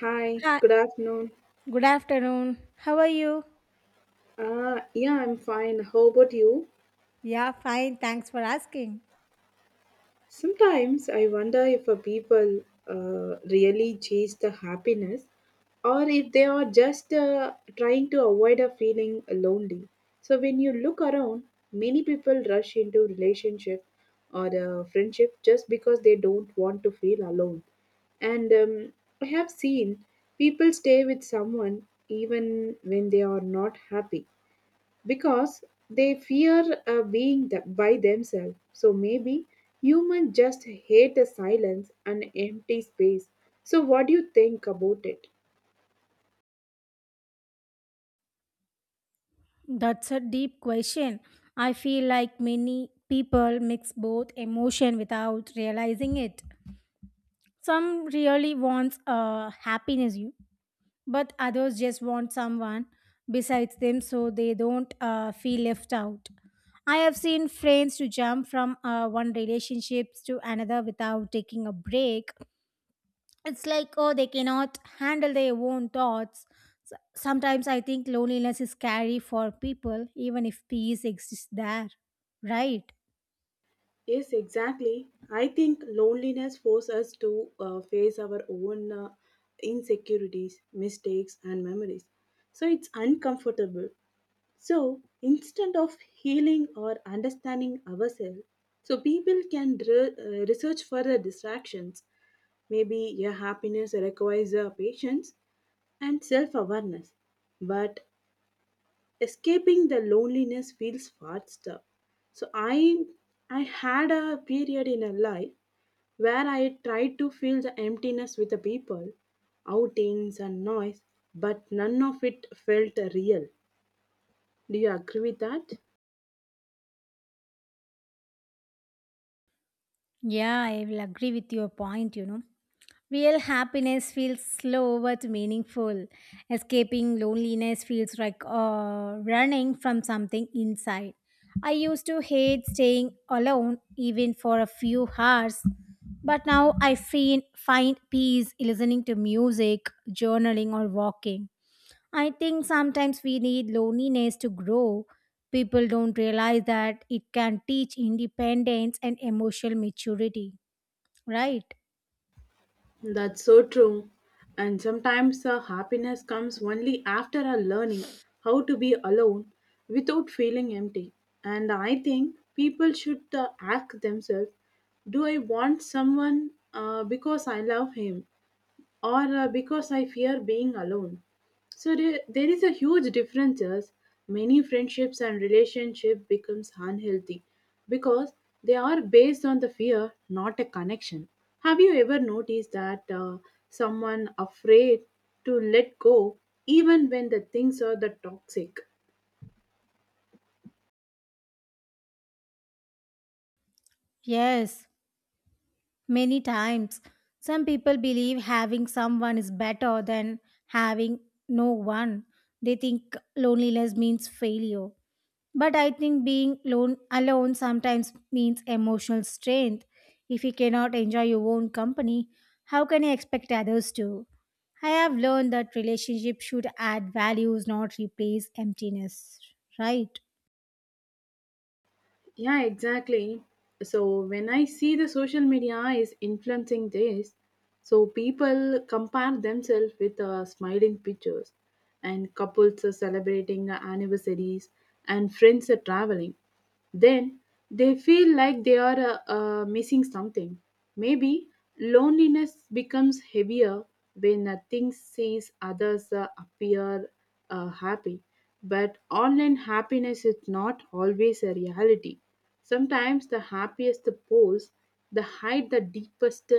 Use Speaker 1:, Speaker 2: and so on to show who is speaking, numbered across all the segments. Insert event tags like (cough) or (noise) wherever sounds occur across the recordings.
Speaker 1: Hi,
Speaker 2: Hi,
Speaker 1: good afternoon.
Speaker 2: good afternoon. How are you?
Speaker 1: Yeah, I'm fine. How about you?
Speaker 2: Yeah, fine. Thanks for asking.
Speaker 1: Sometimes I wonder if a people really chase the happiness, or if they are just trying to avoid a feeling lonely. So when you look around, many people rush into relationship or friendship just because they don't want to feel alone. And I have seen people stay with someone even when they are not happy because they fear being by themselves. So maybe humans just hate the silence and empty space. So, what do you think about it?
Speaker 2: That's a deep question. I feel like many people mix both emotion without realizing it. Some really wants happiness, but others just want someone besides them so they don't feel left out. I have seen friends to jump from one relationships to another without taking a break. It's like, oh, they cannot handle their own thoughts. Sometimes I think loneliness is scary for people even if peace exists there, right?
Speaker 1: Yes, exactly. I think loneliness forces us to face our own insecurities, mistakes, and memories. So it's uncomfortable. So instead of healing or understanding ourselves, so people can research further distractions. Maybe your happiness requires a patience and self awareness, but escaping the loneliness feels faster. So I had a period in a life where I tried to fill the emptiness with the people, outings and noise, but none of it felt real. Do you agree with that?
Speaker 2: Yeah, I will agree with your point. Real happiness feels slow but meaningful. Escaping loneliness feels like running from something inside. I used to hate staying alone even for a few hours, but now I find peace listening to music, journaling, or walking. I think sometimes we need loneliness to grow. People don't realize that it can teach independence and emotional maturity, right?
Speaker 1: That's so true. And sometimes our happiness comes only after our learning how to be alone without feeling empty. And I think people should ask themselves, do I want someone because I love him, or because I fear being alone? So there is a huge differences. Many friendships and relationship becomes unhealthy because they are based on the fear, not a connection. Have you ever noticed that someone afraid to let go even when the things are the toxic?
Speaker 2: Yes. Many times, some people believe having someone is better than having no one. They think loneliness means failure. But I think being alone sometimes means emotional strength. If you cannot enjoy your own company, how can you expect others to? I have learned that relationship should add values, not replace emptiness, right?
Speaker 1: Yeah, exactly. So when I see the social media is influencing this, so people compare themselves with smiling pictures, and couples are celebrating the anniversaries, and friends are traveling. Then they feel like they are missing something. Maybe loneliness becomes heavier when things says others appear happy. But online happiness is not always a reality. Sometimes the happiest the pose, the hide the deepest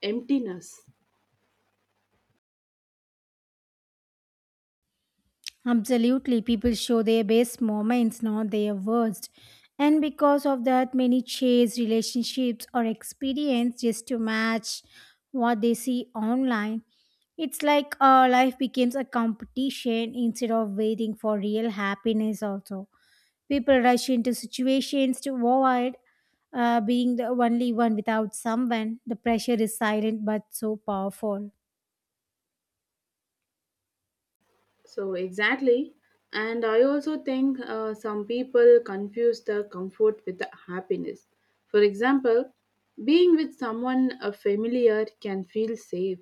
Speaker 1: emptiness.
Speaker 2: Absolutely, people show their best moments, not their worst. And because of that, many chase relationships or experience just to match what they see online. It's like our life becomes a competition instead of waiting for real happiness, also. People rush into situations to avoid being the only one without someone. The pressure is silent but so powerful.
Speaker 1: So, exactly. And I also think some people confuse the comfort with the happiness. For example, being with someone familiar can feel safe,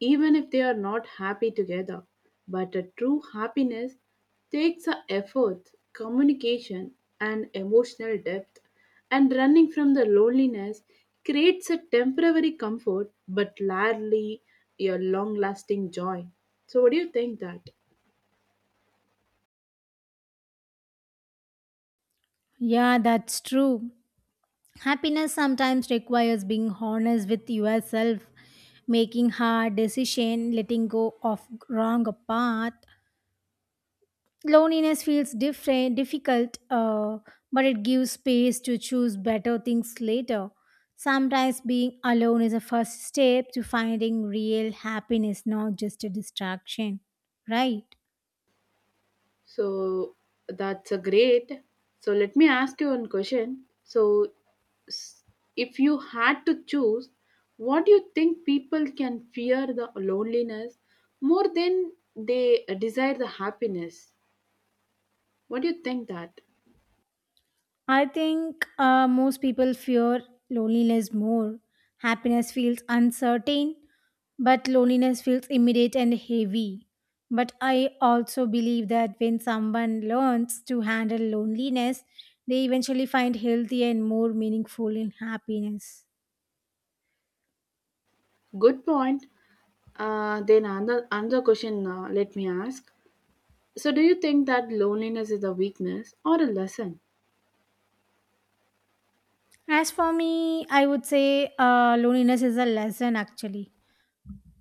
Speaker 1: even if they are not happy together. But a true happiness takes a effort, communication, and emotional depth. And running from the loneliness creates a temporary comfort, but rarely a long lasting joy. So, what do you think that?
Speaker 2: Yeah, that's true. Happiness sometimes requires being honest with yourself, making hard decisions, letting go of wrong path. Loneliness feels different, difficult, but it gives space to choose better things later. Sometimes being alone is a first step to finding real happiness, not just a distraction, right?
Speaker 1: So that's a great. So let me ask you one question. S- if you had to choose, what do you think people can fear the loneliness more than they desire the happiness? What do you think that?
Speaker 2: I think most people fear loneliness more. Happiness feels uncertain, but loneliness feels immediate and heavy. But I also believe that when someone learns to handle loneliness, they eventually find healthy and more meaningful in happiness.
Speaker 1: Good point. Then another question. Let me ask. So do you think that loneliness is a weakness or a lesson?
Speaker 2: As for me, I would say loneliness is a lesson actually.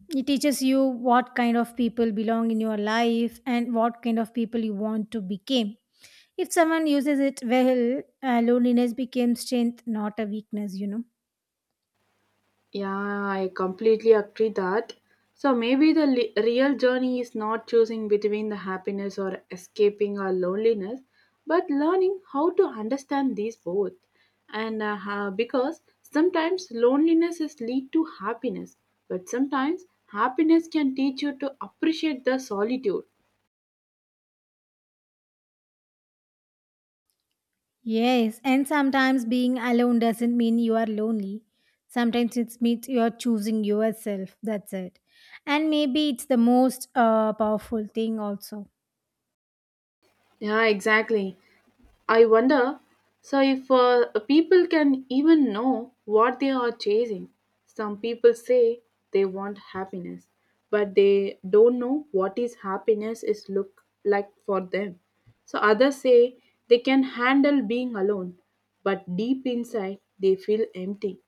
Speaker 2: It teaches you what kind of people belong in your life and what kind of people you want to become. If someone uses it well, loneliness becomes strength, not a weakness, you know.
Speaker 1: Yeah, I completely agree that. So maybe the real journey is not choosing between the happiness or escaping our loneliness, but learning how to understand these both. And because sometimes loneliness is lead to happiness, but sometimes happiness can teach you to appreciate the solitude.
Speaker 2: Yes, and sometimes being alone doesn't mean you are lonely. Sometimes it means you are choosing yourself. That's it. And maybe it's the most powerful thing, also.
Speaker 1: Yeah, exactly. I wonder, so if people can even know what they are chasing. Some people say they want happiness, but they don't know what is happiness is look like for them. So others say they can handle being alone, but deep inside they feel empty.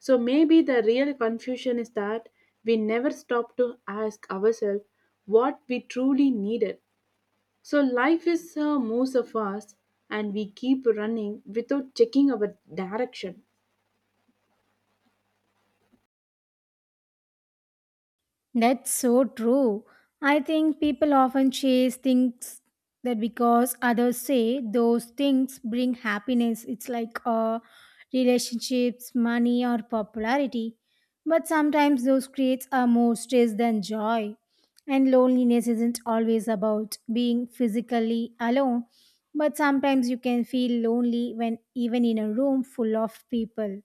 Speaker 1: So maybe the real confusion is that we never stop to ask ourselves what we truly needed. So life is moves so fast, and we keep running without checking our direction.
Speaker 2: That's so true. I think people often chase things that because others say those things bring happiness. It's like relationships, money, or popularity. But sometimes those creates are more stress than joy. And loneliness isn't always about being physically alone. But sometimes you can feel lonely when even in a room full of people.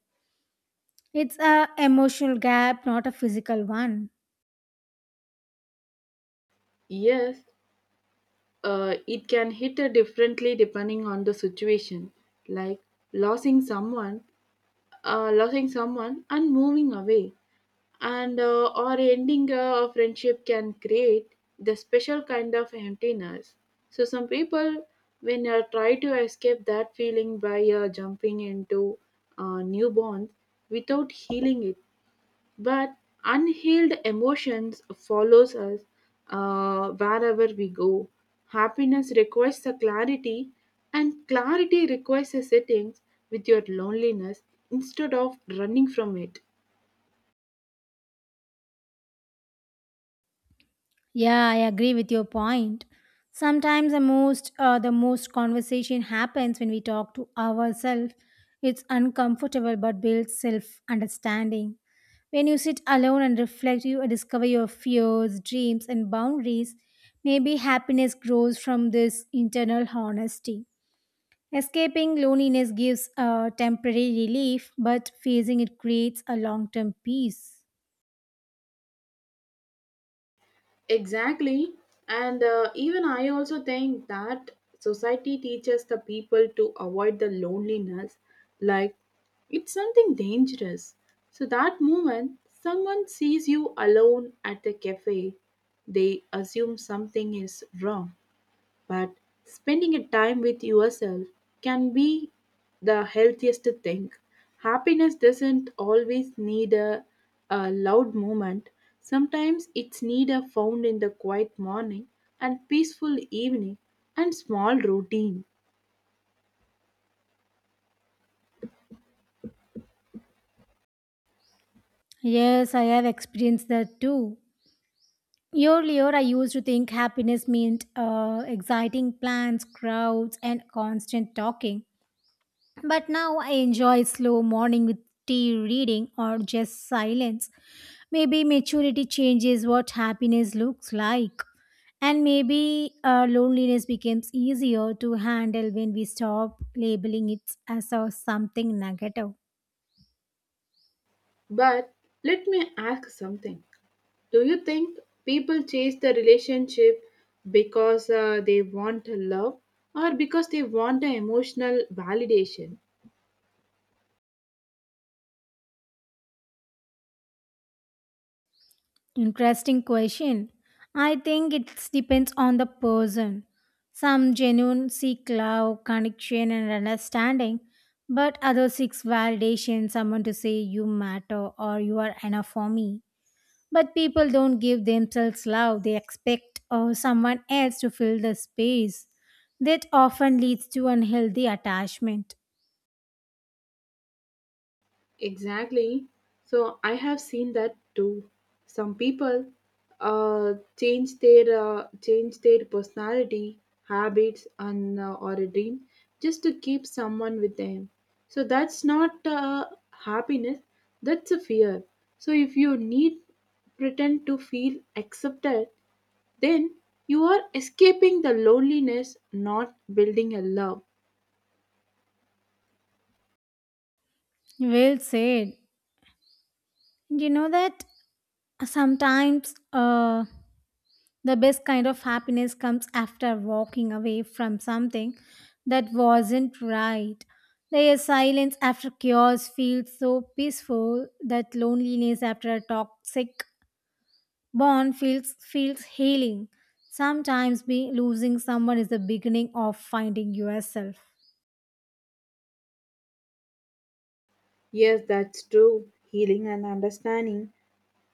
Speaker 2: It's a emotional gap, not a physical one.
Speaker 1: Yes, it can hit differently depending on the situation, like losing someone, and moving away, and or ending a friendship can create the special kind of emptiness. So some people, when they try to escape that feeling by jumping into new bonds without healing it, but unhealed emotions follows us wherever we go. Happiness requires a clarity, and clarity requires a settings with your loneliness instead of running from it.
Speaker 2: Yeah, I agree with your point. Sometimes the most conversation happens when we talk to ourselves. It's uncomfortable but builds self understanding. When you sit alone and reflect, you discover your fears, dreams, and boundaries. Maybe happiness grows from this internal honesty. Escaping loneliness gives a temporary relief, but facing it creates a long term peace.
Speaker 1: Exactly. And even I also think that society teaches the people to avoid the loneliness like it's something dangerous. So that moment someone sees you alone at the cafe, they assume something is wrong. But spending a time with yourself can be the healthiest thing. Happiness doesn't always need a loud moment. Sometimes it's need a found in the quiet morning and peaceful evening and small routine.
Speaker 2: Yes, I have experienced that too. Earlier, I used to think happiness meant exciting plans, crowds, and constant talking. But now I enjoy slow morning with tea reading or just silence. Maybe maturity changes what happiness looks like. And maybe loneliness becomes easier to handle when we stop labeling it as a something negative.
Speaker 1: But let me ask something. Do you think people chase the relationship because they want love, or because they want the emotional validation?
Speaker 2: Interesting question. I think it depends on the person. Some genuine seek love, connection, and understanding, but others seek validation, someone to say you matter or you are enough for me. But people don't give themselves love, they expect someone else to fill the space. That often leads to unhealthy attachment.
Speaker 1: Exactly. So I have seen that too. Some people change their personality, habits, and or a dream just to keep someone with them. So that's not happiness. That's a fear. So if you need pretend to feel accepted, then you are escaping the loneliness, not building a love.
Speaker 2: Well said. You know that sometimes the best kind of happiness comes after walking away from something that wasn't right. The silence after chaos feels so peaceful that loneliness after a toxic bond feels healing. Sometimes losing someone is the beginning of finding yourself.
Speaker 1: Yes, that's true. Healing and understanding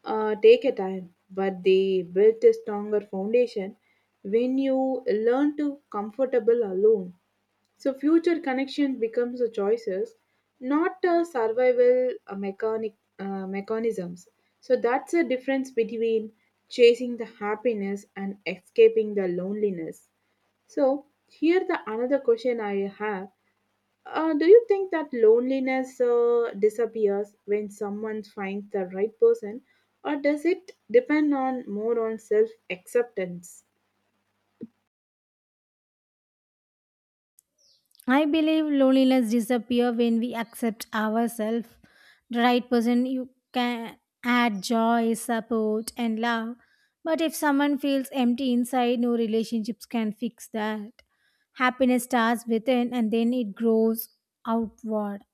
Speaker 1: take a time, but they built a stronger foundation when you learn to comfortable alone. So future connection becomes a choices, not a survival mechanic mechanisms. So that's a difference between chasing the happiness and escaping the loneliness. So here the another question I have, do you think that loneliness disappears when someone finds the right person, or does it depend on more on self acceptance?
Speaker 2: I believe loneliness disappears when we accept ourselves. The right person you can add joy, support, and love. But if someone feels empty inside, no relationships can fix that. Happiness starts within and then it grows outward.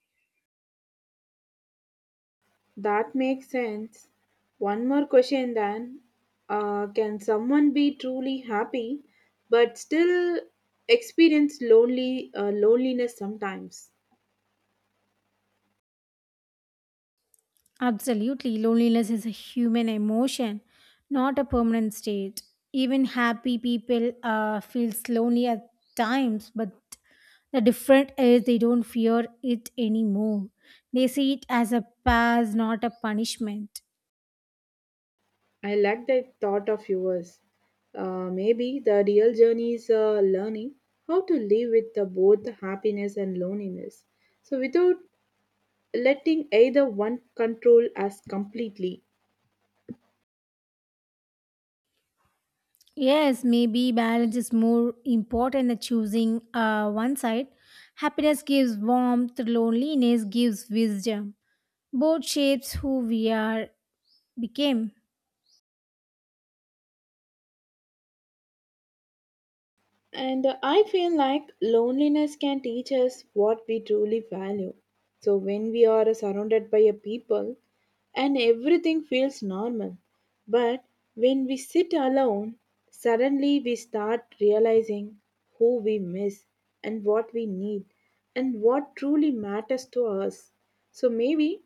Speaker 1: That makes sense. One more question then: can someone be truly happy, but still experience lonely loneliness sometimes?
Speaker 2: Absolutely, loneliness is a human emotion, not a permanent state. Even happy people feels lonely at times, but the different is they don't fear it anymore. They see it as a pass, not a punishment.
Speaker 1: I like that thought of yours. Maybe the real journey is learning how to live with the both happiness and loneliness. So, without letting either one control us completely.
Speaker 2: Yes, maybe balance is more important than choosing one side. Happiness gives warmth, loneliness gives wisdom. Both shapes who we are became.
Speaker 1: And I feel like loneliness can teach us what we truly value. So when we are surrounded by a people and everything feels normal, but when we sit alone, suddenly we start realizing who we miss and what we need and what truly matters to us. So maybe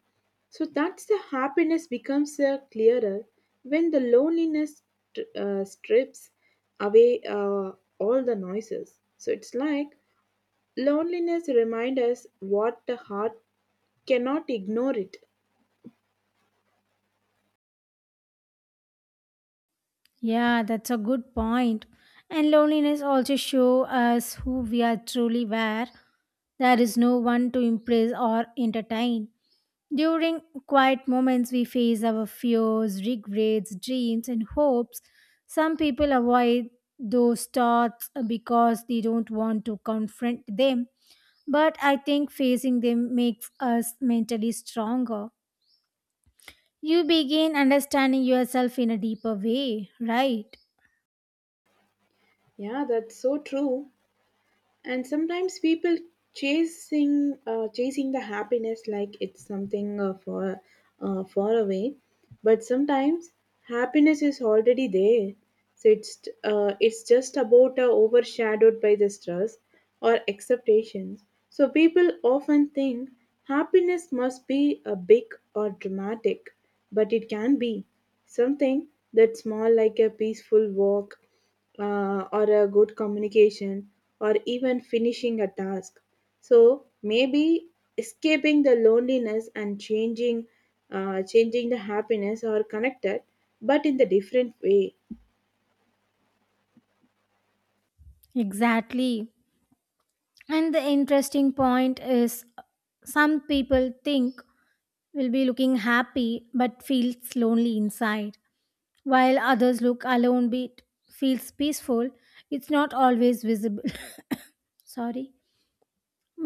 Speaker 1: so that's the happiness becomes clearer when the loneliness strips away all the noises. So it's like loneliness reminds us what the heart cannot ignore it.
Speaker 2: Yeah, that's a good point. And loneliness also show us who we are truly were. There is no one to impress or entertain. During quiet moments, we face our fears, regrets, dreams, and hopes. Some people avoid those thoughts because they don't want to confront them. But I think facing them makes us mentally stronger. You begin understanding yourself in a deeper way, right?
Speaker 1: Yeah, that's so true. And sometimes people chasing the happiness like it's something far away, but sometimes happiness is already there, so it's just about overshadowed by the stress or expectations. So people often think happiness must be a big or dramatic, but it can be something that's small, like a peaceful walk or a good communication or even finishing a task. So maybe escaping the loneliness and changing the happiness are connected, but in the different way.
Speaker 2: Exactly. And the interesting point is some people think will be looking happy but feels lonely inside, while others look alone but feels peaceful. It's not always visible. (coughs) Sorry.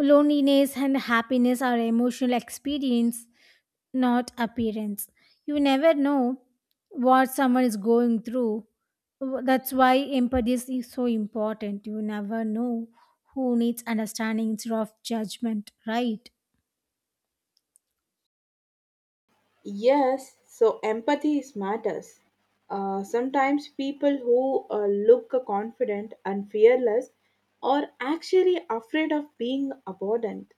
Speaker 2: Loneliness and happiness are emotional experience not appearance. You never know what someone is going through. That's why empathy is so important. You never know who needs understanding instead of judgment, right?
Speaker 1: Yes, so empathy is matters. Sometimes people who look confident and fearless are actually afraid of being abandoned.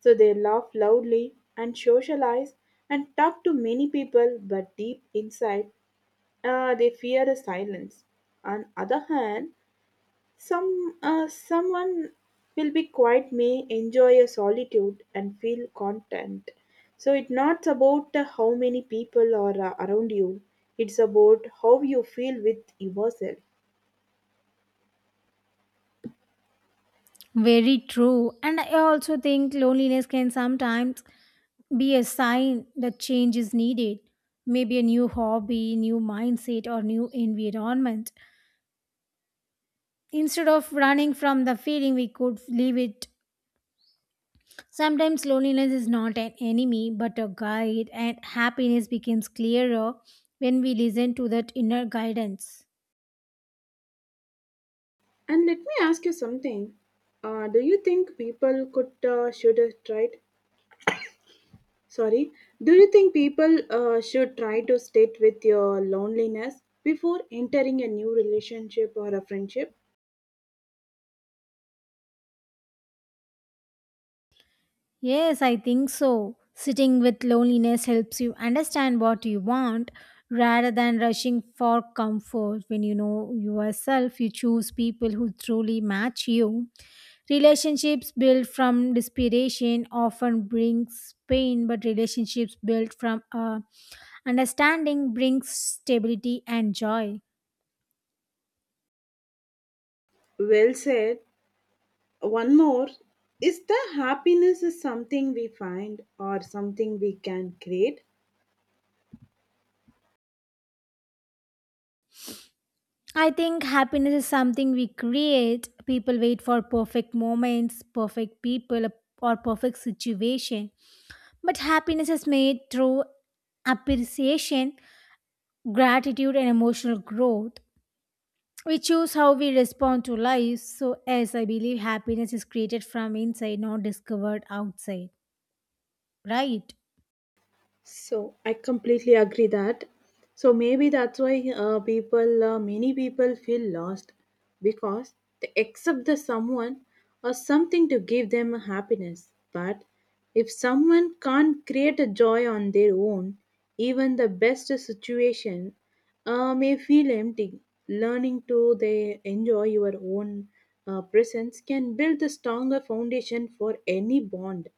Speaker 1: So they laugh loudly and socialize and talk to many people, but deep inside, they fear the silence. On other hand, someone will be quiet may enjoy a solitude and feel content. So it's not about how many people are around you. It's about how you feel with yourself.
Speaker 2: Very true. And I also think loneliness can sometimes be a sign that change is needed. Maybe a new hobby, new mindset, or new environment. Instead of running from the feeling, we could leave it. Sometimes loneliness is not an enemy but a guide, and happiness becomes clearer when we listen to that inner guidance.
Speaker 1: And let me ask you something. Do you think people could should have tried? Sorry, do you think people should try to state with your loneliness before entering a new relationship or a friendship?
Speaker 2: Yes, I think so. Sitting with loneliness helps you understand what you want rather than rushing for comfort. When you know yourself, you choose people who truly match you. Relationships built from desperation often brings pain, but relationships built from understanding brings stability and joy.
Speaker 1: Well said. One more: is the happiness is something we find or something we can create?
Speaker 2: I think happiness is something we create. People wait for perfect moments, perfect people, or perfect situation. But happiness is made through appreciation, gratitude, and emotional growth. We choose how we respond to life. So, as I believe, happiness is created from inside, not discovered outside. Right?
Speaker 1: So I completely agree that. So maybe that's why many people feel lost because they accept the someone or something to give them happiness. But if someone can't create a joy on their own, even the best situation may feel empty. Learning to they enjoy your own presence can build a stronger foundation for any bond.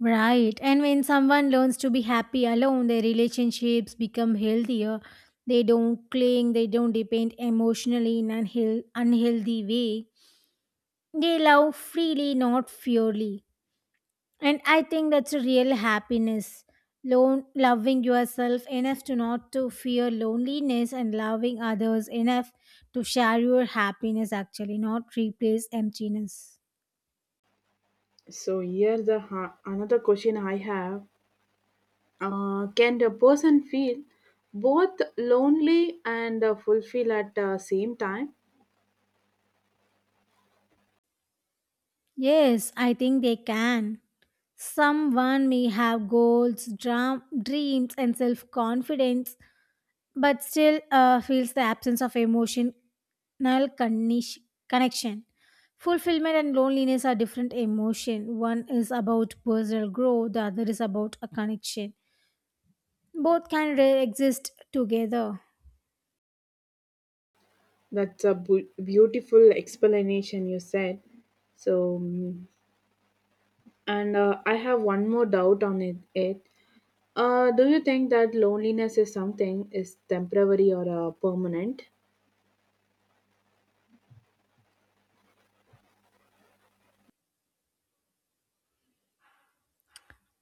Speaker 2: Right. And when someone learns to be happy alone, their relationships become healthier. They don't cling, they don't depend emotionally in an unhealthy way. They love freely, not fearly. And I think that's a real happiness. Loving yourself enough to not to fear loneliness and loving others enough to share your happiness actually, not replace emptiness.
Speaker 1: So here the another question I have: can the person feel both lonely and fulfilled at the same time?
Speaker 2: Yes, I think they can. Someone may have goals, dreams, and self confidence, but still feels the absence of emotional connish- connection. Fulfillment and loneliness are different emotion. One is about personal growth, the other is about a connection. Both can exist together.
Speaker 1: That's a beautiful explanation you said. So, mm, and I have one more doubt on it. Do you think that loneliness is something is temporary or permanent?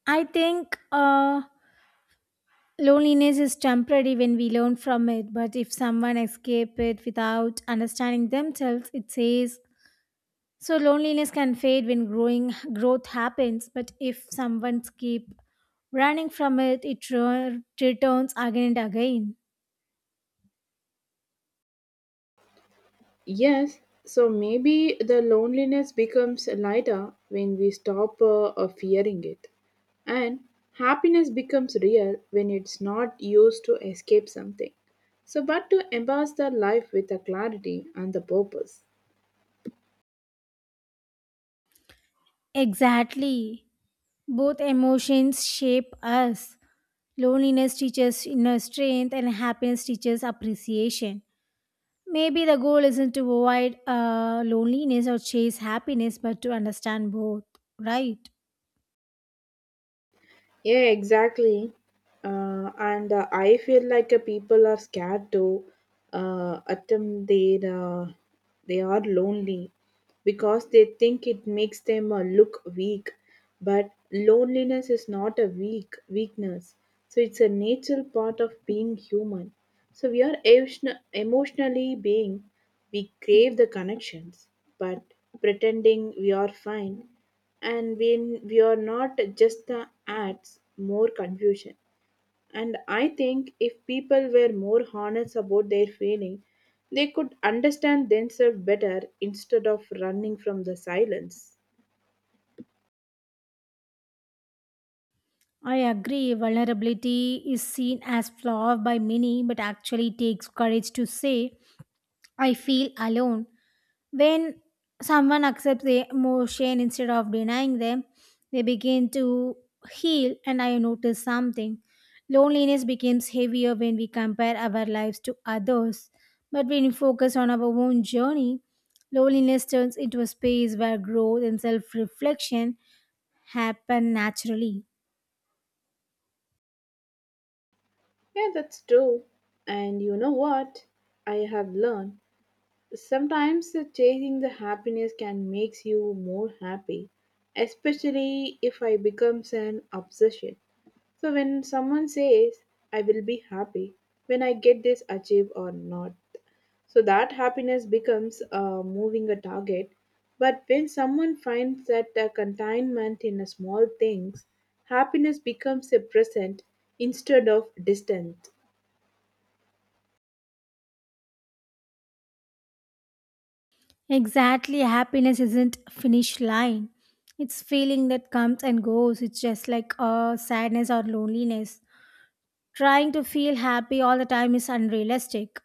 Speaker 2: I think. Loneliness is temporary when we learn from it, but if someone escapes it without understanding themselves, it says so loneliness can fade when growing growth happens, but if someone keep running from it, it returns again and again.
Speaker 1: Yes, so maybe the loneliness becomes lighter when we stop fearing it. And happiness becomes real when it's not used to escape something. So, but to embrace the life with a clarity and the purpose.
Speaker 2: Exactly. Both emotions shape us. Loneliness teaches inner strength and happiness teaches appreciation. Maybe the goal isn't to avoid loneliness or chase happiness, but to understand both, right?
Speaker 1: Yeah, exactly. And I feel like people are scared to attempt their. They are lonely because they think it makes them look weak. But loneliness is not a weakness. So it's a natural part of being human. So we are emotionally being. We crave the connections, but pretending we are fine and when we are not just the ads more confusion. And I think if people were more honest about their feeling, they could understand themselves better instead of running from the silence.
Speaker 2: I agree, vulnerability is seen as flaw by many, but actually takes courage to say, I feel alone. When someone accepts the emotion instead of denying them, they begin to heal, and I notice something. Loneliness becomes heavier when we compare our lives to others, but when we focus on our own journey, loneliness turns into a space where growth and self reflection happen naturally.
Speaker 1: Yeah, that's true. And you know what, I have learned, sometimes the chasing the happiness can makes you more happy, especially if I becomes an obsession. So when someone says I will be happy when I get this achieve or not, so that happiness becomes moving a target. But when someone finds that the containment in a small things, happiness becomes a present instead of distant.
Speaker 2: Exactly, happiness isn't finish line. It's feeling that comes and goes. It's just like sadness or loneliness. Trying to feel happy all the time is unrealistic.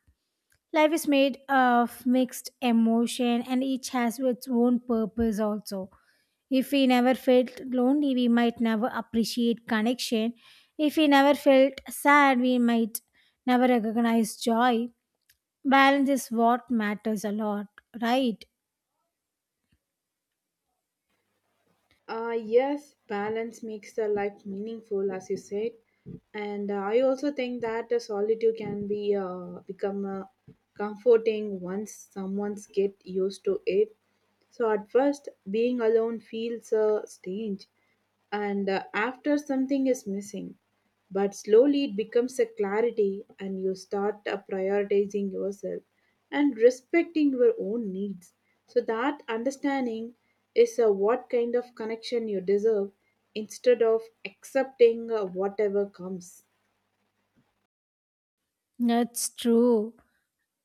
Speaker 2: Life is made of mixed emotion and each has its own purpose also. If we never felt lonely, we might never appreciate connection. If we never felt sad, we might never recognize joy. Balance is what matters a lot, right?
Speaker 1: Yes, balance makes the life meaningful, as you said, and I also think that the solitude can be become comforting once someone's get used to it. So at first, being alone feels strange, and after something is missing. But slowly it becomes a clarity, and you start prioritizing yourself and respecting your own needs. So, that understanding is what kind of connection you deserve instead of accepting whatever comes.
Speaker 2: That's true.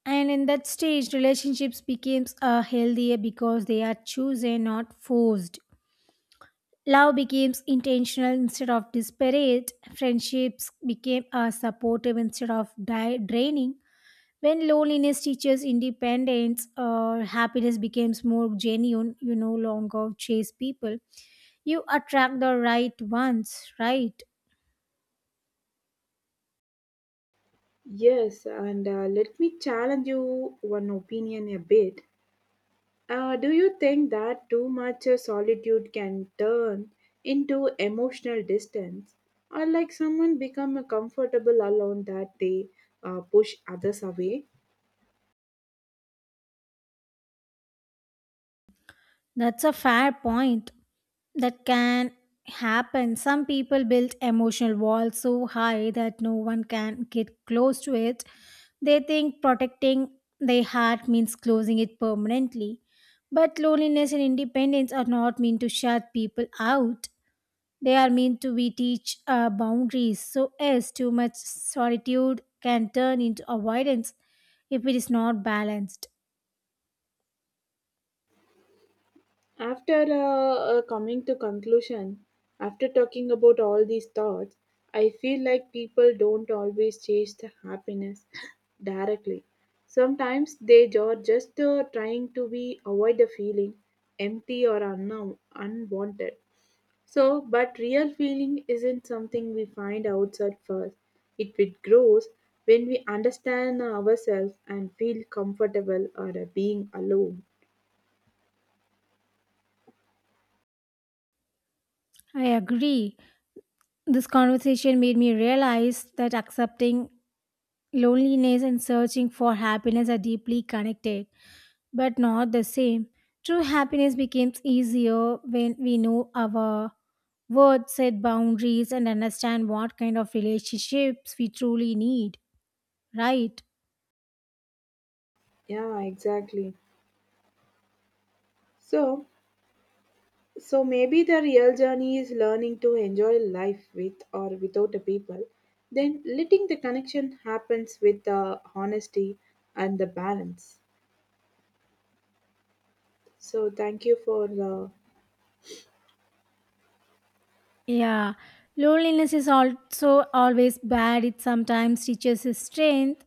Speaker 2: And in that stage, relationships becomes healthier because they are chosen, not forced. Love becomes intentional instead of desperate. Friendships became supportive instead of draining. When loneliness teaches independence, happiness becomes more genuine. You no longer chase people. You attract the right ones, right?
Speaker 1: Yes, and let me challenge you one opinion a bit. Do you think that too much solitude can turn into emotional distance, or like someone become comfortable alone that they push others away?
Speaker 2: That's a fair point. That can happen. Some people build emotional walls so high that no one can get close to it. They think protecting their heart means closing it permanently. But loneliness and independence are not meant to shut people out. They are meant to be teach boundaries. So yes, too much solitude can turn into avoidance if it is not balanced.
Speaker 1: After coming to conclusion, after talking about all these thoughts, I feel like people don't always chase the happiness (laughs) directly. Sometimes they are just trying to be avoid the feeling empty or unwanted. So, but real feeling isn't something we find outside first. It grows when we understand ourselves and feel comfortable or being alone.
Speaker 2: I agree. This conversation made me realize that accepting loneliness and searching for happiness are deeply connected, but not the same. True happiness becomes easier when we know our worth, set boundaries, and understand what kind of relationships we truly need, right?
Speaker 1: Yeah, exactly. So, so maybe the real journey is learning to enjoy life with or without the people, then letting the connection happens with the honesty and the balance. So, thank you for the
Speaker 2: Yeah, loneliness is also always bad. It sometimes teaches us strength,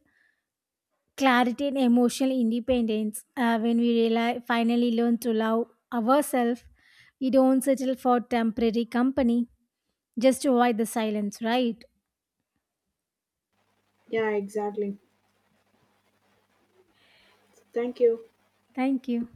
Speaker 2: clarity and emotional independence when we finally learn to love ourselves. We don't settle for temporary company just to avoid the silence, right?
Speaker 1: yeah, exactly. Thank you.
Speaker 2: Thank you.